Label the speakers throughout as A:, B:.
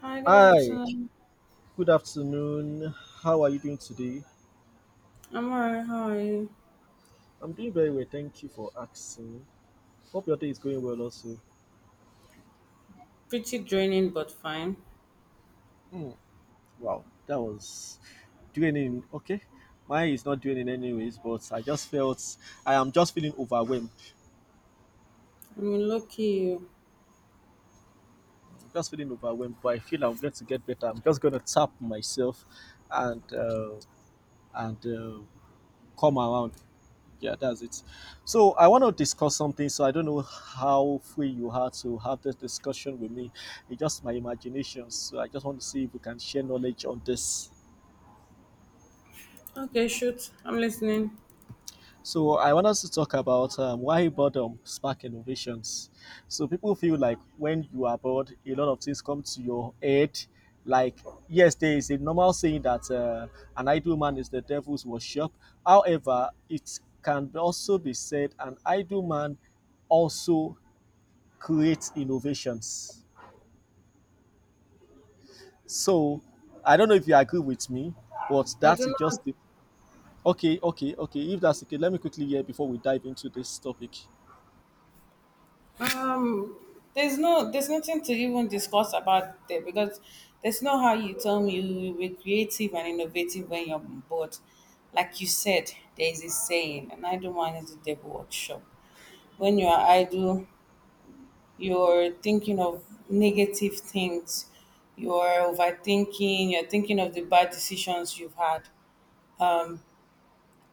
A: Hi, good
B: Hi,
A: afternoon.
B: good afternoon. How are you doing today?
A: I'm alright. How are you?
B: I'm doing very well, thank you for asking. Hope your day is going well also.
A: Pretty draining, but fine.
B: Hmm, wow, that was doing in okay. Mine is not doing in anyways, but I am just feeling overwhelmed.
A: I mean, lucky.
B: I'm just feeling overwhelmed, but I feel I'm going to get better. I'm just gonna tap myself and uh, and come around. Yeah, that's it. So I want to discuss something. So I don't know how free you are to have this discussion with me. It's just my imagination. So I just want to see if we can share knowledge on this.
A: Okay, shoot. I'm listening.
B: So I want us to talk about why boredom spark innovations. So people feel like when you are bored, a lot of things come to your head. Like yes, there is a normal saying that an idle man is the devil's worship. However, it can also be said an idle man also creates innovations. So I don't know if you agree with me, but
A: I
B: that is
A: do
B: just the okay, okay, okay. If that's okay, let me quickly hear before we dive into this topic.
A: not. There's nothing to even discuss about there, because there's no how you tell me you were creative and innovative when you're bored. Like you said, there is a saying, and I don't want it to devil workshop. When you are idle, you're thinking of negative things, you're overthinking, you're thinking of the bad decisions you've had.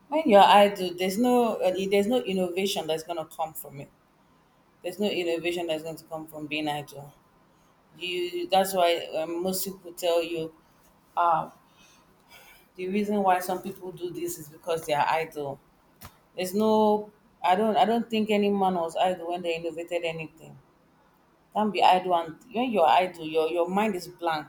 A: When you're idle, there's no innovation that's gonna come from it. There's no innovation that's going to come from being idle. You that's why most people tell you uh, the reason why some people do this is because they are idle. There's no, I don't think any man was idle when they innovated anything. Can't be idle, and when you're idle, your mind is blank,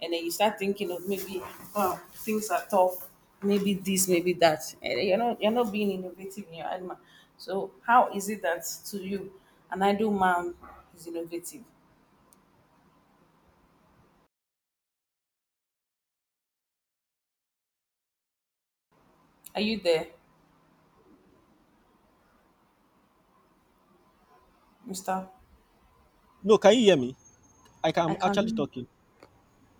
A: and then you start thinking of, maybe, oh, things are tough, maybe this, maybe that. And then you're not being innovative in your animal. So how is it that, to you, an idle man is innovative? Are you there, Mister?
B: No, can you hear me?
A: I
B: I'm
A: can hear
B: actually
A: you.
B: talking.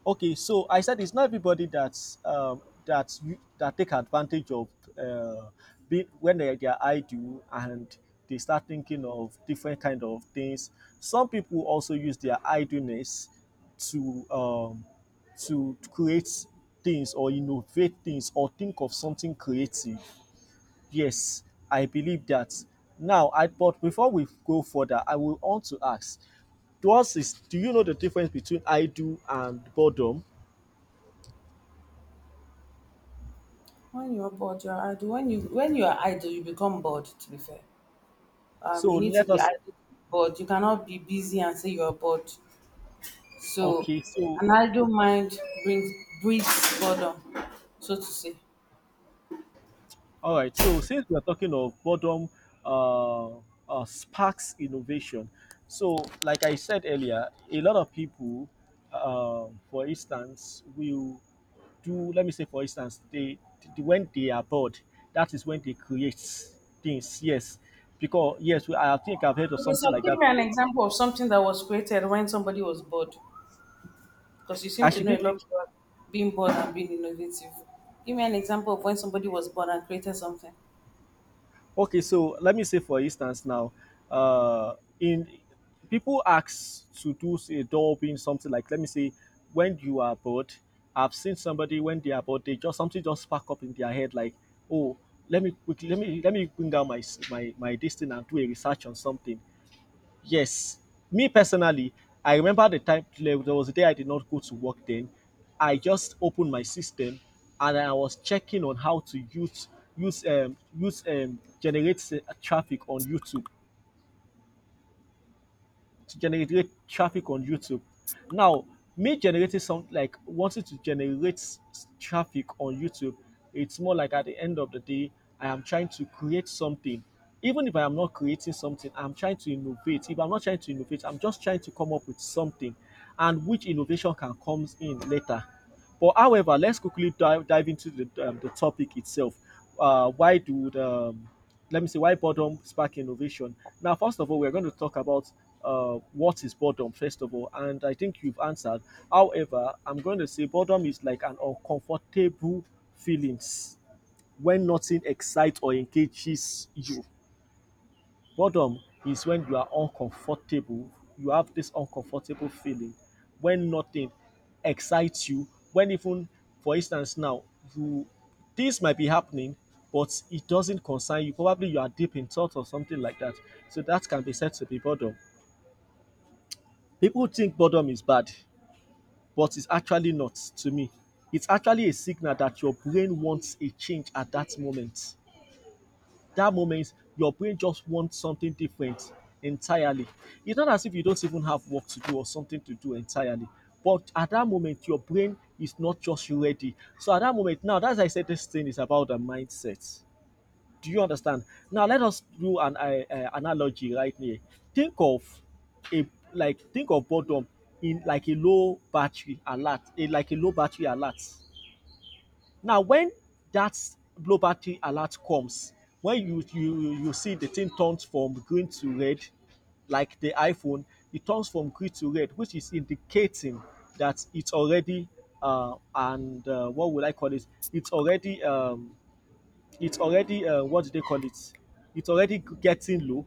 B: Okay, so I said it's not everybody that take advantage of uh, be, when they are idle and they start thinking of different kind of things. Some people also use their idleness to um, to create things or innovate things or think of something creative. Yes, I believe that. Now, I but before we go further, I will want to ask. To us, is do you know the difference between idle and boredom?
A: When you're bored, you're idle. When you are idle, you become bored. To be fair,
B: So
A: you need to
B: let
A: be
B: us,
A: idle, bored. You cannot be busy and say you're bored. So,
B: okay, so
A: an idle mind brings breeds boredom, so to say.
B: all right. So since we are talking of boredom uh, sparks innovation, so like I said earlier, a lot of people, for instance, will do. Let me say, for instance, they when they are bored, that is when they create things. Yes, because yes, I think I've heard of
A: Okay, so
B: something like
A: give
B: that
A: me an
B: before.
A: example of something that was created when somebody was bored, because you seem
B: I
A: to
B: should
A: know
B: give
A: a lot
B: you.
A: about being bored and being innovative. Give me an example of when somebody was bored and created something.
B: Okay, so let me say for instance now, uh, in people ask to do say, a door being something like let me say when you are bored. I've seen somebody when they are bored, they just something just spark up in their head like, oh, let me quickly let me bring down my this thing and do a research on something. Yes, me personally, I remember the time there was a day I did not go to work then. I just opened my system and I was checking on how to use use use generate traffic on YouTube to generate traffic on YouTube. Now, me generating some like wanting to generate traffic on YouTube, it's more like at the end of the day, I am trying to create something. Even if I am not creating something, I'm trying to innovate. If I'm not trying to innovate, I'm just trying to come up with something, and which innovation can comes in later. But however, let's quickly dive into the topic itself. Why do the let me see why boredom spark innovation. Now first of all we're going to talk about what is boredom first of all, and I think you've answered. However, I'm going to say boredom is like an uncomfortable feelings when nothing excites or engages you. Boredom is when you are uncomfortable. You have this uncomfortable feeling when nothing excites you. When even, for instance, now you this might be happening, but it doesn't concern you. Probably you are deep in thought or something like that. So that can be said to be boredom. People think boredom is bad, but it's actually not to me. It's actually a signal that your brain wants a change at that moment. That moment, your brain just wants something different entirely. It's not as if you don't even have work to do or something to do entirely. But at that moment, your brain is not just ready. So at that moment, now that's why I said this thing is about the mindset. Do you understand? Now let us do an analogy right here. Think of a like think of boredom in like a low battery alert, a, like a low battery alert. Now, when that poverty alert comes, when you see the thing turns from green to red, like the iPhone, it turns from green to red, which is indicating that it's already and what would I call it? It's already um, it's already what do they call it? It's already getting low.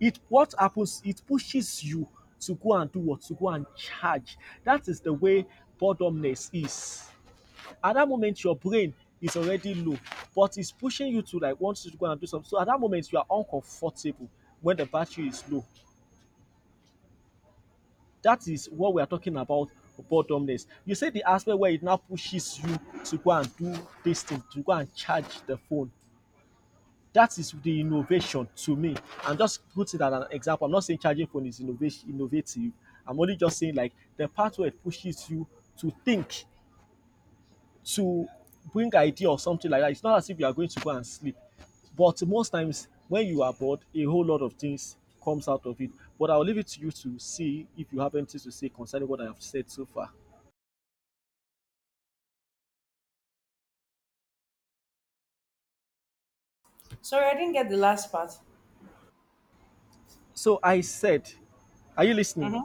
B: It what happens? It pushes you to go and do what to go and charge. That is the way boredomness is. At that moment, your brain is already low, but it's pushing you to like want you to go and do something. So at that moment, you are uncomfortable when the battery is low. That is what we are talking about boredomness. You say the aspect where it now pushes you to go and do this thing, to go and charge the phone. That is the innovation to me. I'm just putting that as an example. I'm not saying charging phone is innovation innovative. I'm only just saying like the part where it pushes you to think to bring idea or something like that. It's not as if you are going to go and sleep. But most times when you are bored, a whole lot of things comes out of it. But I'll leave it to you to see if you have anything to say concerning what I have said so far.
A: Sorry, I didn't get the last part.
B: So I said, are you listening?
A: Mm-hmm.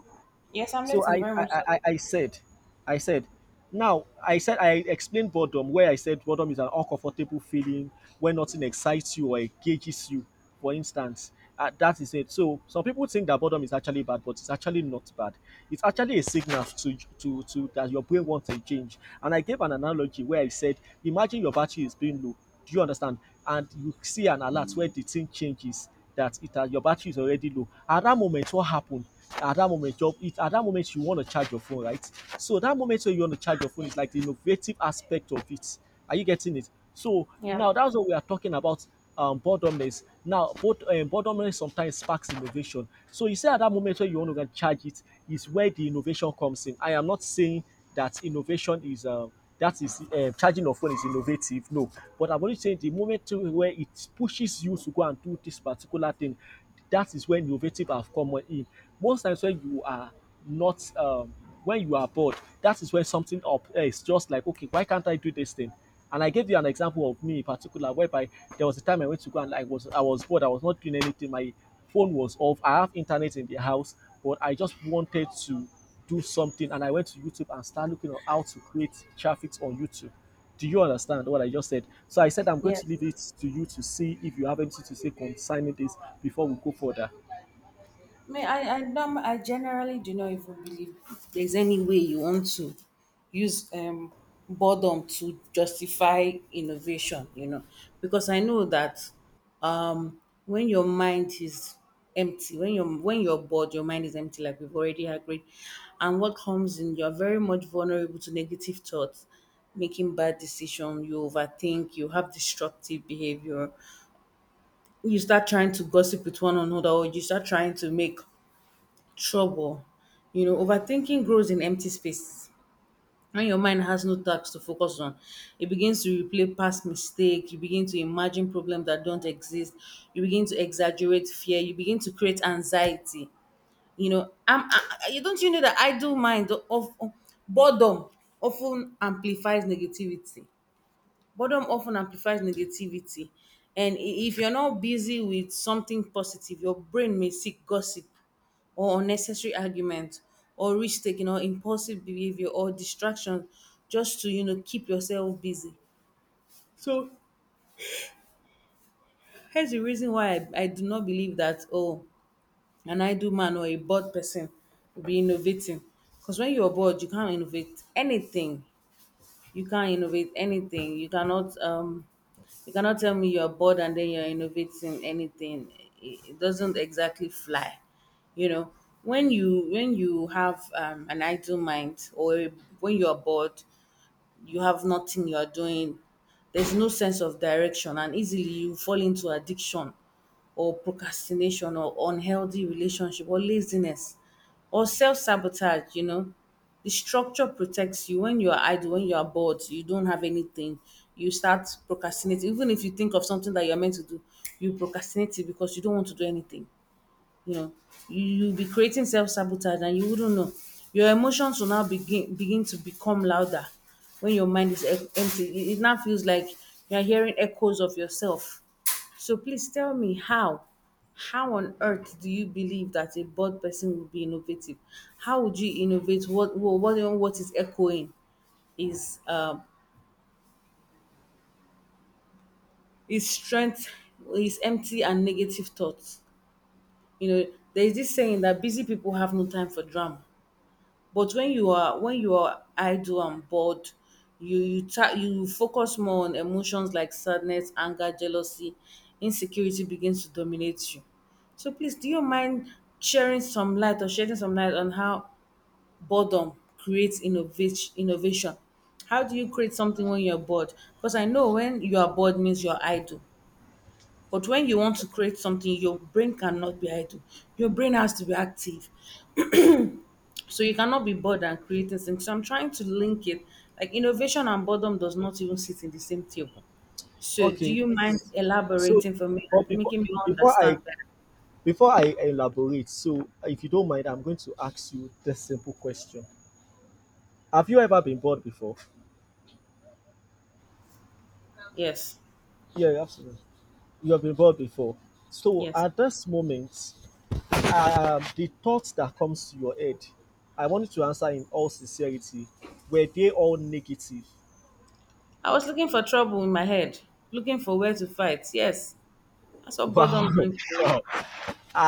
A: Yes, I'm
B: So
A: listening
B: I,
A: very
B: I,
A: much so.
B: I, I said, I said, now I said I explained boredom where I said boredom is an uncomfortable feeling when nothing excites you or engages you. For instance, that is it. So some people think that boredom is actually bad, but it's actually not bad. It's actually a signal to that your brain wants a change. And I gave an analogy where I said, imagine your battery is being low. Do you understand? And you see an alert where the thing changes that it has your battery is already low. At that moment, what happened? At that moment, your, it, at that moment you want to charge your phone, right? So that moment when you want to charge your phone is like the innovative aspect of it. Are you getting it? So
A: Yeah,
B: now that's what we are talking about. Boredomness. Now, both, boredomness sometimes sparks innovation. So you say at that moment when you want to go and charge it is where the innovation comes in. I am not saying that innovation is. That is Charging of phone is innovative, no, but I'm only saying the moment where it pushes you to go and do this particular thing, that is when innovative have come in. Most times when you are not when you are bored, that is when something up, eh, it's just like okay why can't I do this thing. And I gave you an example of me in particular whereby there was a time I went to go and I was bored, I was not doing anything, my phone was off, I have internet in the house, but I just wanted to do something, and I went to YouTube and started looking at how to create traffic on YouTube. Do you understand what I just said? So I said I'm going
A: yeah.
B: to leave it to you to see if you have anything to say concerning this before we go further.
A: I mean, I generally do not even believe there's any way you want to use boredom to justify innovation, because I know that um, when your mind is empty, when you're bored, your mind is empty, like we've already agreed. And what comes in, you're very much vulnerable to negative thoughts, making bad decisions, you overthink, you have destructive behavior, you start trying to gossip with one another, or you start trying to make trouble. Overthinking grows in empty space. When your mind has no tasks to focus on, it begins to replay past mistakes, you begin to imagine problems that don't exist, you begin to exaggerate fear, you begin to create anxiety. Don't you know that idle mind of boredom often amplifies negativity? Boredom often amplifies negativity. And if you're not busy with something positive, your brain may seek gossip, or unnecessary argument, or risk taking, or impulsive behavior, or distraction, just to keep yourself busy. So here's the reason why I do not believe that, oh, an idle man or a bored person will be innovating. Because when you're bored, you can't innovate anything. You cannot tell me you're bored and then you're innovating anything. It doesn't exactly fly you know when you have an idle mind, or when you're bored, you have nothing you are doing. There's no sense of direction, and easily you fall into addiction, or procrastination, or unhealthy relationship, or laziness, or self sabotage. The structure protects you. When you are idle, when you are bored, you don't have anything, you start procrastinating. Even if you think of something that you're meant to do, you procrastinate it, because you don't want to do anything you know you you'll be creating self-sabotage and you wouldn't know. Your emotions will now begin to become louder. When your mind is empty, it now feels like you're hearing echoes of yourself. So please tell me how on earth do you believe that a bored person would be innovative? How would you innovate? What is echoing is um is strength, is empty and negative thoughts you know there is this saying that busy people have no time for drama. But when you are idle and bored, you focus more on emotions like sadness, anger, jealousy, insecurity begins to dominate you. So please, do you mind sharing some light, or shedding some light, on how boredom creates innovation? Innovation. How do you create something when you're bored? Because I know when you are bored means you're idle. But when you want to create something, your brain cannot be idle. Your brain has to be active. So you cannot be bored and creating things. So I'm trying to link it. Like, innovation and boredom does not even sit in the same table. So do
B: Okay.
A: you mind
B: So
A: elaborating for me
B: but
A: and
B: before,
A: making me
B: before
A: understand
B: I
A: better?
B: before I elaborate, so if you don't mind, I'm going to ask you this simple question. Have you ever been bored before?
A: Yes.
B: Yeah, absolutely. You have been bored before. So
A: Yes.
B: at this moment, the thoughts that comes to your head, I want you to answer in all sincerity. Were they all negative?
A: I was looking for trouble in my head, looking for where to fight. Yes. That's what
B: Wow,
A: boredom brings to me.
B: wow.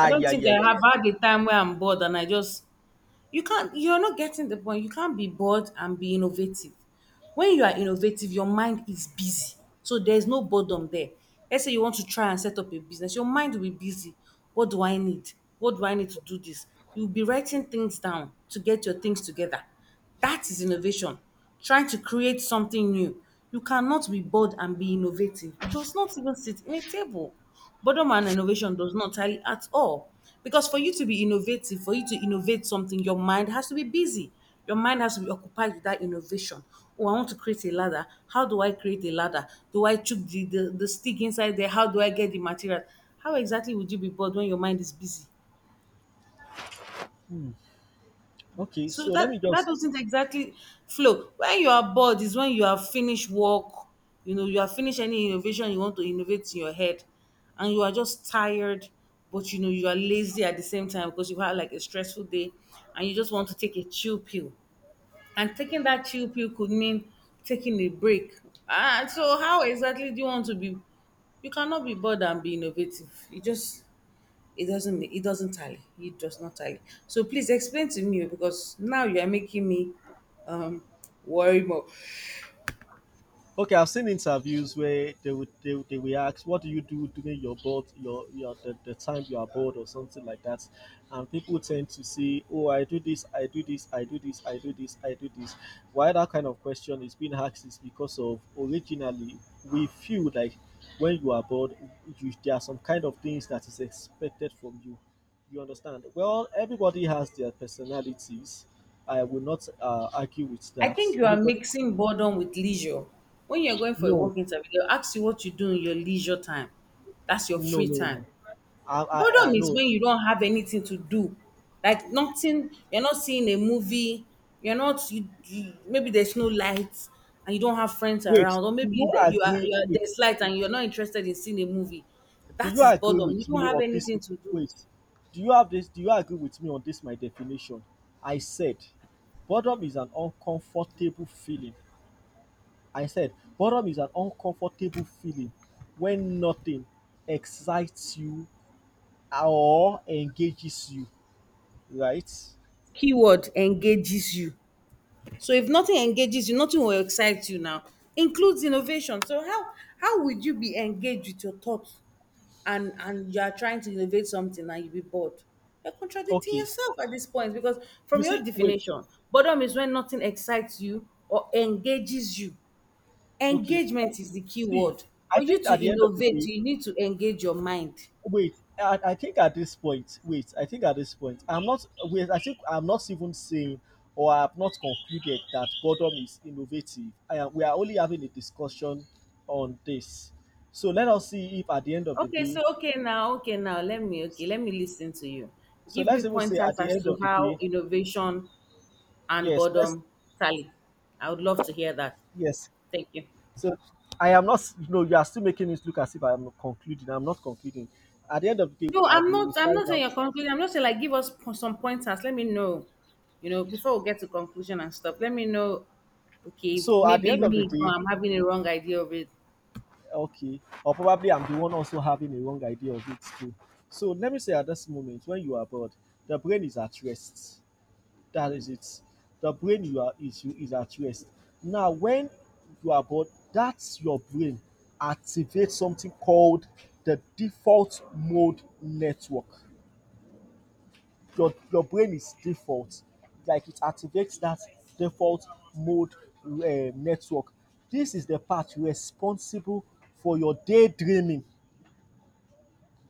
A: I don't
B: yeah,
A: think
B: yeah,
A: I
B: yeah,
A: have
B: yeah.
A: had a time where I'm bored and I just you're not getting the point. You can't be bored and be innovative. When you are innovative, your mind is busy, so there's no boredom there. Let's say you want to try and set up a business, your mind will be busy. What do I need? What do I need to do this? You'll be writing things down to get your things together. That is innovation. Trying to create something new. You cannot be bored and be innovative. It does not even sit in a table. Boredom and innovation does not tally at all. Because for you to be innovative, for you to innovate something, your mind has to be busy. Your mind has to be occupied with that innovation. Oh, I want to create a ladder. How do I create a ladder? Do I chuck the stick inside there? How do I get the material? How exactly would you be bored when your mind is busy?
B: Okay,
A: So
B: so let me
A: that
B: just.
A: doesn't exactly flow. When you are bored is when you have finished work, you have finished any innovation you want to innovate in your head, and you are just tired, but you know you are lazy at the same time because you had like a stressful day, and you just want to take a chill pill. And taking that chill pill could mean taking a break. Ah, so how exactly do you want to be? You cannot be bored and be innovative. You just It doesn't tally. It does not tally. So please explain to me, because now you are making me um worry more.
B: Okay, I've seen interviews where they will ask, "What do you do during your board your the time you are bored or something like that?" And people tend to say, "Oh, I do this, I do this, I do this, I do this, I do this." Why that kind of question is being asked is because of originally we feel like when you are bored, you, there are some kind of things that is expected from you. You understand? Well, everybody has their personalities. I will not argue with
A: I
B: that.
A: think you are
B: Everybody,
A: mixing boredom with leisure. When you're going for a
B: no,
A: work interview, they'll ask you what you do in your leisure time. That's your
B: no,
A: free
B: no,
A: time.
B: no. I
A: Boredom is
B: no.
A: when you don't have anything to do. Like nothing. You're not seeing a movie, you're not you, you, maybe there's no lights, and you don't have friends
B: Wait,
A: around, or
B: do
A: maybe
B: you
A: that
B: agree
A: you are
B: with?
A: there's light and you're not interested in seeing a movie.
B: Do
A: That
B: you
A: is
B: agree
A: boredom. You
B: with
A: don't
B: me
A: have
B: of this?
A: anything to do.
B: Wait, do you have this? Do you agree with me on this? My definition. I said, boredom is an uncomfortable feeling. I said, boredom is an uncomfortable feeling when nothing excites you or engages you. Right?
A: Keyword engages you. So if nothing engages you, nothing will excite you now. Includes innovation. So how would you be engaged with your thoughts, and you are trying to innovate something and you be bored? You're contradicting
B: Okay.
A: yourself at this point, because
B: You
A: from
B: see,
A: your
B: wait.
A: definition, boredom is when nothing excites you or engages you.
B: Okay.
A: Engagement is the key
B: See,
A: word.
B: I
A: For you
B: think
A: to
B: at the end of the
A: innovate,
B: day,
A: you need to engage your mind.
B: wait I think at this point, wait I think at this point I'm not wait I think I'm not even saying or I have not concluded that boredom is innovative. I am We are only having a discussion on this, so let us see if at the end of the
A: Okay so
B: day,
A: okay now okay now let me okay let me listen to you.
B: so
A: Give me
B: let's even say
A: pointers
B: at the
A: as
B: end
A: to
B: of the
A: how
B: day.
A: innovation and
B: Yes, let's.
A: boredom tally. I would love to hear that.
B: Yes.
A: Thank you.
B: So I am not you are still making it look as if I am concluding. I'm not concluding. At the end of the day,
A: No,
B: I
A: I'm
B: we
A: not.
B: will
A: I'm
B: find
A: not saying
B: out.
A: you're concluding. I'm not saying, like, give us some pointers. Let me know, before we get to conclusion and stuff. Let me know. Okay,
B: So at the
A: maybe
B: end of the
A: me. No,
B: day.
A: I'm having a wrong idea of it.
B: Okay. Or probably I'm the one also having a wrong idea of it too. So let me say at this moment, when you are bored, the brain is at rest. That is it. The brain is at rest. Now, when you are bored, that's your brain activates something called the default mode network. Your brain is default. Like it activates that default mode network. This is the part responsible for your daydreaming.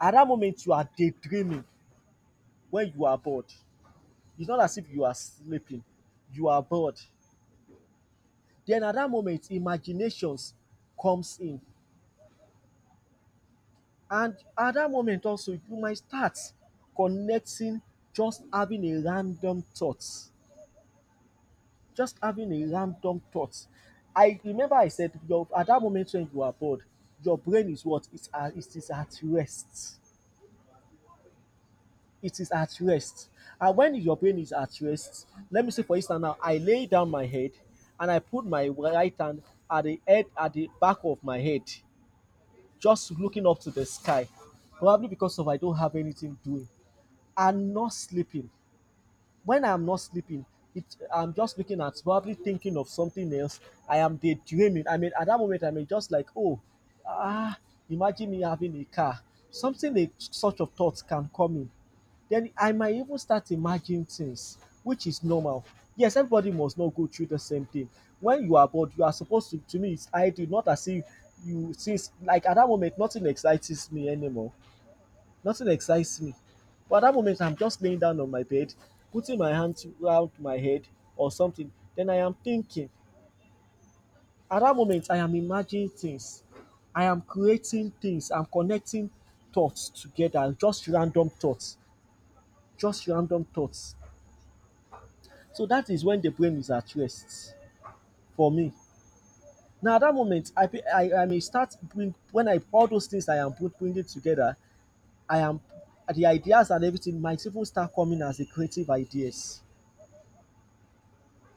B: At that moment, you are daydreaming when you are bored. It's not as if you are sleeping, you are bored. Then at that moment, imaginations comes in. And at that moment also, you might start connecting, just having a random thought. Just having a random thought. I remember I said your at that moment when you are bored, your brain is what? It is at rest. It is at rest. And when your brain is at rest, let me say for instance now, I lay down my head and I put my right hand at the head at the back of my head, just looking up to the sky. Probably because of I don't have anything doing. I'm not sleeping. When I'm not sleeping, it, I'm just looking at probably thinking of something else. I am daydreaming. I mean, at that moment, I mean, just like, oh, ah, imagine me having a car. Something a, such of thoughts can come in, then I might even start imagining things, which is normal. Yes, everybody must not go through the same thing. When you are bored, you are supposed to me, it's ideal, not as if you, since, like at that moment, nothing excites me anymore. Nothing excites me. But at that moment, I'm just laying down on my bed, putting my hands around my head or something. Then I am thinking. At that moment, I am imagining things. I am creating things. I'm connecting thoughts together, just random thoughts. Just random thoughts. So that is when the brain is at rest for me. Now, at that moment, I may start bring when I all those things I am bringing together, I am the ideas and everything might even start coming as a creative ideas,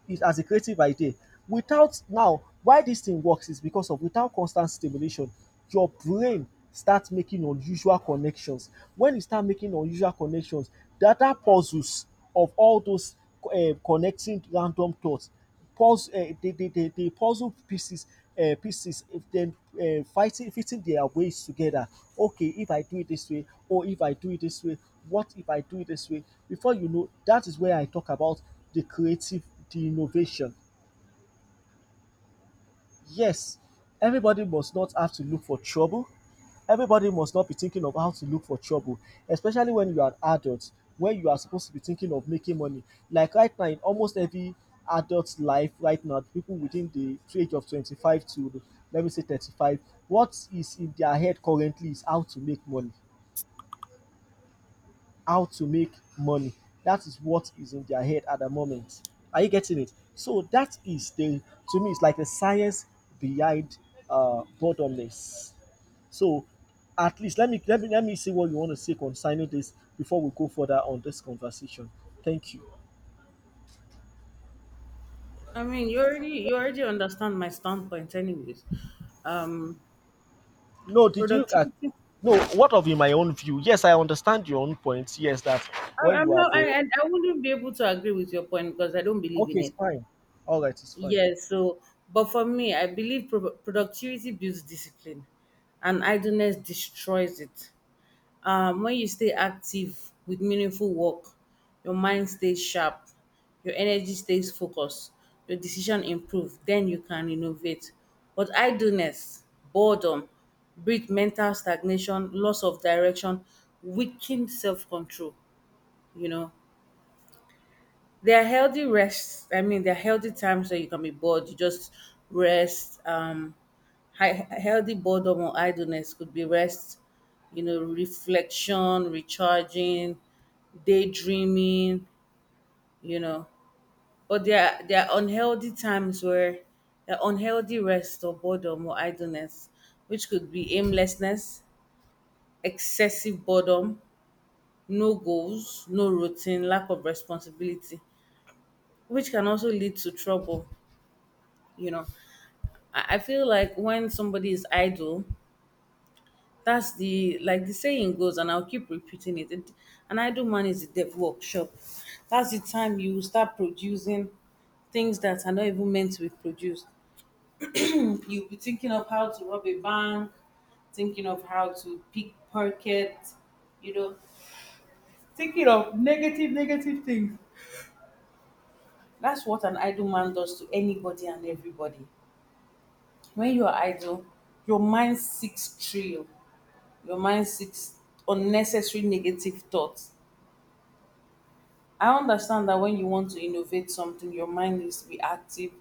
B: it, as a creative idea. Without now, why this thing works is because of without constant stimulation, your brain starts making unusual connections. When you start making unusual connections, data puzzles of all those connecting random thoughts puzzle, the puzzle pieces, pieces, if then fitting their ways together. Okay, if I do it this way, or if I do it this way, what if I do it this way? Before you know, that is where I talk about the creative, the innovation. Yes, everybody must not have to look for trouble. Everybody must not be thinking of how to look for trouble, especially when you are an adult, when you are supposed to be thinking of making money. Like right now, in almost every adult's life right now, people within the age of 25 to let me say 35, what is in their head currently is how to make money, how to make money. That is what is in their head at the moment. Are you getting it? So that is the, to me it's like the science behind boredomness. So at least let me let me see what you want to say concerning this before we go further on this conversation. Thank you.
A: I mean, you already understand my standpoint, anyways. Um,
B: No, did you look at
A: productivity.
B: no what of in my own view? Yes, I understand your own point. Yes, that
A: I,
B: when
A: I'm
B: you are
A: not.
B: bored.
A: I wouldn't be able to agree with your point because I don't believe
B: Okay,
A: in
B: it's
A: it.
B: fine. All right, it's fine.
A: Yes. So, but for me, I believe productivity builds discipline, and idleness destroys it. When you stay active with meaningful work, your mind stays sharp, your energy stays focused, your decision improve, then you can innovate. But idleness, boredom, breed mental stagnation, loss of direction, weaken self-control. You know there are healthy rests. I mean, there are healthy times where you can be bored. You just rest. Healthy boredom or idleness could be rest. Reflection, recharging, daydreaming. You know, but there are unhealthy times where there are unhealthy rest or boredom or idleness, which could be aimlessness, excessive boredom, no goals, no routine, lack of responsibility, which can also lead to trouble you know I, I feel like when somebody is idle, that's the, like the saying goes, and I'll keep repeating it, an idle man is a dev workshop. That's the time you will start producing things that are not even meant to be produced. Hmm, you'll be thinking of how to rob a bank, thinking of how to pickpocket you know thinking of negative things. That's what an idle man does to anybody and everybody. When you're idle, your mind seeks thrill, your mind seeks unnecessary negative thoughts. I understand that when you want to innovate something, your mind needs to be active.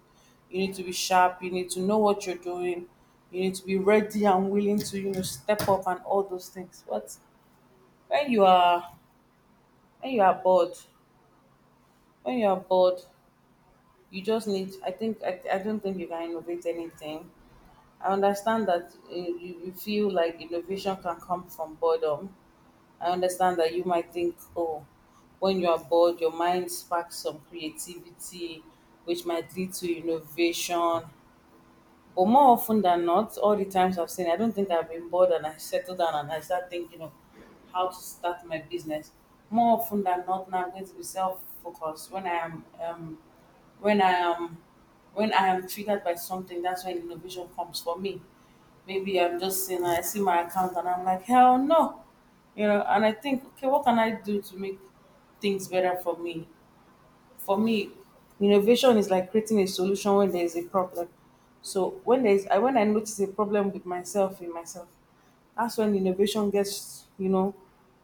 A: You need to be sharp. You need to know what you're doing. You need to be ready and willing to, you know, step up and all those things. But when you are when you are bored, when you are bored, you just need. I think I don't think you can innovate anything. I understand that you feel like innovation can come from boredom. I understand that you might think, oh, when you are bored, your mind sparks some creativity, which might lead to innovation. But more often than not, all the times I've seen, I don't think I've been bored and I settle down and I start thinking of how to start my business. More often than not, now I'm going to be self-focused. When I am, when I am, when I am triggered by something, that's when innovation comes for me. Maybe I'm just saying, I see my account and I'm like, hell no. You know, and I think, okay, what can I do to make things better for me? For me, innovation is like creating a solution when there is a problem. So when there is, I when I notice a problem with myself, in myself, that's when innovation gets, you know,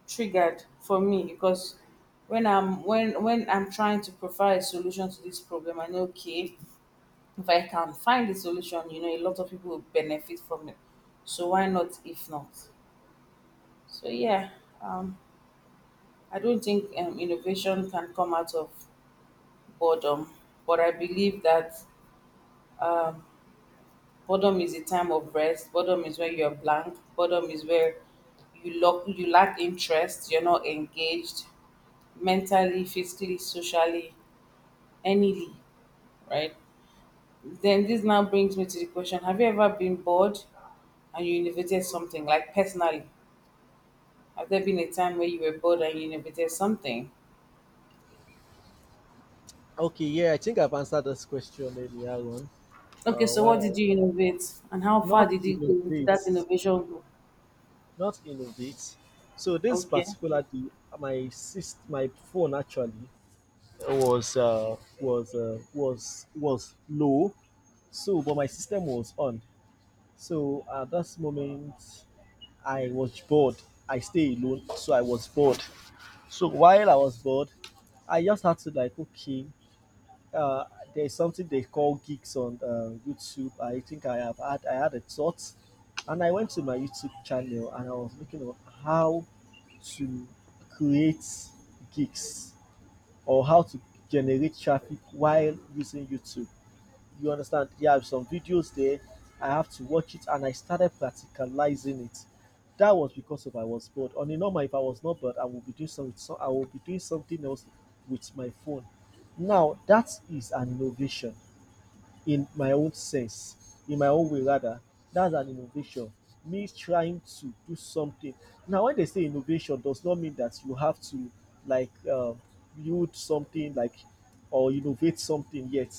A: triggered for me because when I'm trying to provide a solution to this problem, I know, okay, if I can find the solution, you know, a lot of people will benefit from it. So why not if not? So yeah, um, I don't think innovation can come out of boredom, but I believe that boredom is a time of rest. Boredom is where you're blank. Boredom is where you lack interest. You're not engaged mentally, physically, socially, anyly, right? Then this now brings me to the question: have you ever been bored and you innovated something? Like personally, have there been a time where you were bored and you innovated something?
B: Okay, yeah, I think I've answered this question earlier on.
A: Okay, so
B: While
A: what
B: I
A: did you innovate, and how far
B: not
A: did it go? Did that
B: innovate,
A: innovation go?
B: not innovate, so this
A: Okay,
B: particularly my phone actually was low, so but my system was on, so at that moment I was bored. I stay alone, so I was bored. So while I was bored, I just had to like okay, uh, there's something they call gigs on YouTube. I think I have had I had a thought, and I went to my YouTube channel and I was looking at how to create gigs or how to generate traffic while using YouTube. You understand? Yeah, I have some videos there. I have to watch it and I started practicalizing it. That was because of I was bored. On a normal, if I was not bored, I would be doing some, so I would be doing something else with my phone. Now that is an innovation in my own sense, in my own way rather. That's an innovation. Me trying to do something. Now, when they say innovation, does not mean that you have to like build something like or innovate something yet.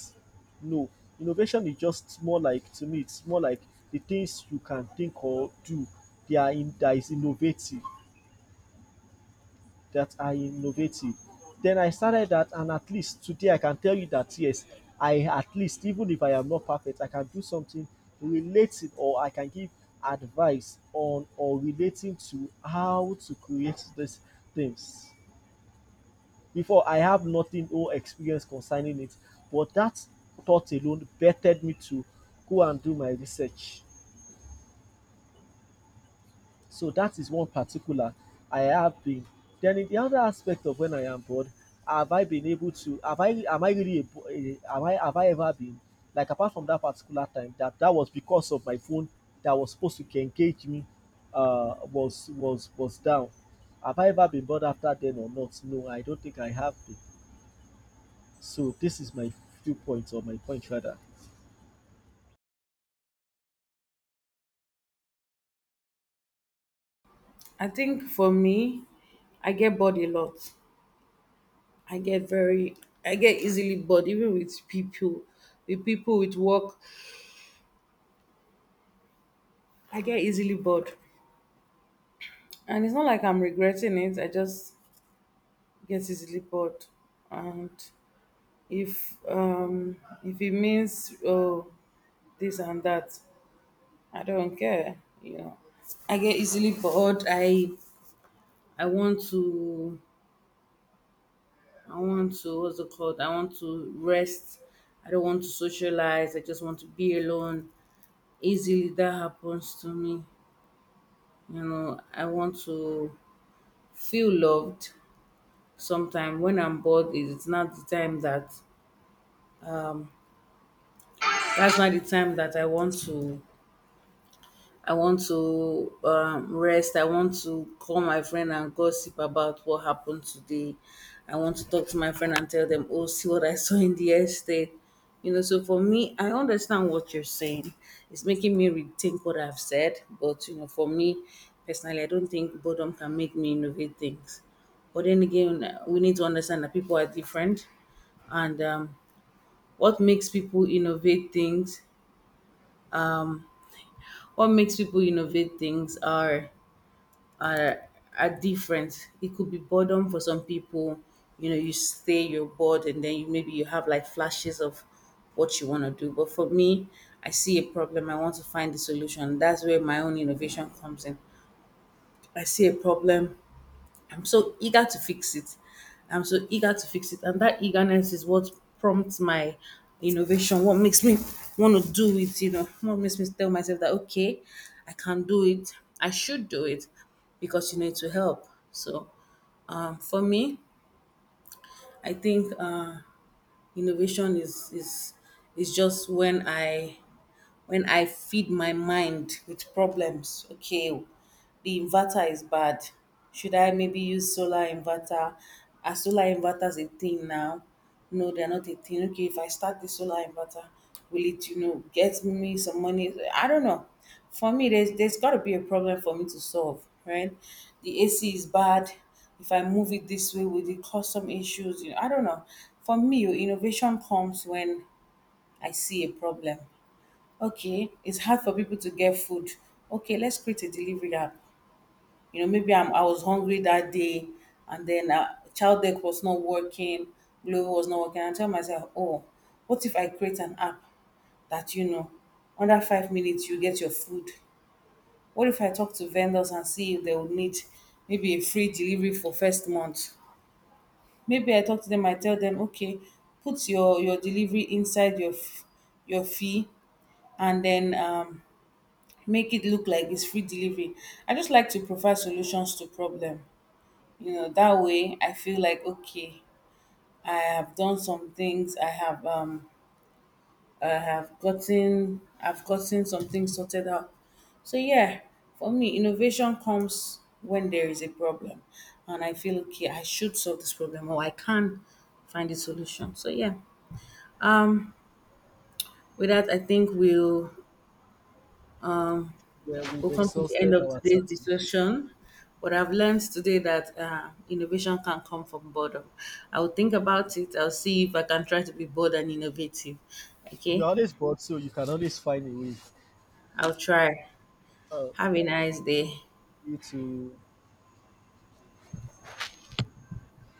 B: No, innovation is just more like to me. It's more like the things you can think or do. They are in that is innovative that are innovative. Then I started that, and at least today I can tell you that yes, I at least, even if I am not perfect, I can do something related or I can give advice on or relating to how to create these things. Before, I have nothing or experience concerning it, but that thought alone bettered me to go and do my research. So that is one particular I have been. Then in the other aspect of when I am bored, have I been able to have I am I really a, have I ever been like apart from that particular time that that was because of my phone that was supposed to engage me was down. Have I ever been bored after then or not? No, I don't think I have been. So this is my viewpoint or my point rather.
A: I think for me, I get bored a lot. I get very, I get easily bored, even with people, with people, with work. I get easily bored, and it's not like I'm regretting it. I just get easily bored, and if um if it means, oh, this and that, I don't care, you know, I get easily bored. I want to, I want to, what's it called, I want to rest. I don't want to socialize, I just want to be alone. Easily that happens to me, you know. I want to feel loved. Sometimes when I'm bored, it's not the time that's not the time that I want to. I want to rest. I want to call my friend and gossip about what happened today. I want to talk to my friend and tell them, oh, see what I saw in the estate. You know, so for me, I understand what you're saying. It's making me rethink what I've said. But, you know, for me personally, I don't think boredom can make me innovate things. But then again, we need to understand that people are different. And what makes people innovate things? What makes people innovate things are, are are different. It could be boredom for some people. You know, you stay, you're bored, and then you, maybe you have like flashes of what you want to do. But for me, I see a problem. I want to find the solution. That's where my own innovation comes in. I see a problem. I'm so eager to fix it. I'm so eager to fix it. And that eagerness is what prompts my innovation, what makes me want to do it, you know, what makes me tell myself that, okay, I can do it. I should do it because, you need to help. So for me, I think innovation is just when I feed my mind with problems. Okay, the inverter is bad. Should I maybe use solar inverter? Are solar inverters a thing now? No, they're not a thing. Okay, if I start the solar inverter, will it, you know, get me some money? I don't know. For me, there's got to be a problem for me to solve, right? The AC is bad. If I move it this way, will it cause some issues? You know, I don't know. For me, your innovation comes when I see a problem. Okay, it's hard for people to get food. Okay, let's create a delivery app. You know, maybe I was hungry that day, and then child deck was not working, Glovo was not working. I tell myself, oh, what if I create an app that, you know, under 5 minutes you get your food? What if I talk to vendors and see if they would need maybe a free delivery for first month? Maybe I talk to them. I tell them, okay, put your delivery inside your your fee, and then make it look like it's free delivery. I just like to provide solutions to problem. You know, that way I feel like, okay, I have done some things. I have I've gotten some things sorted out. So yeah, for me, innovation comes when there is a problem, and I feel okay. I should solve this problem, or I can find a solution. So yeah, um, with that, I think
B: Yeah, we've
A: we'll come to the end
B: exhausted
A: of
B: our
A: today's
B: time.
A: discussion. But I've learned today that innovation can come from boredom. I'll think about it. I'll see if I can try to be bold and innovative.
B: You're
A: Okay,
B: always bored, so you can always find a way.
A: I'll try.
B: Uh,
A: Have a nice day.
B: you to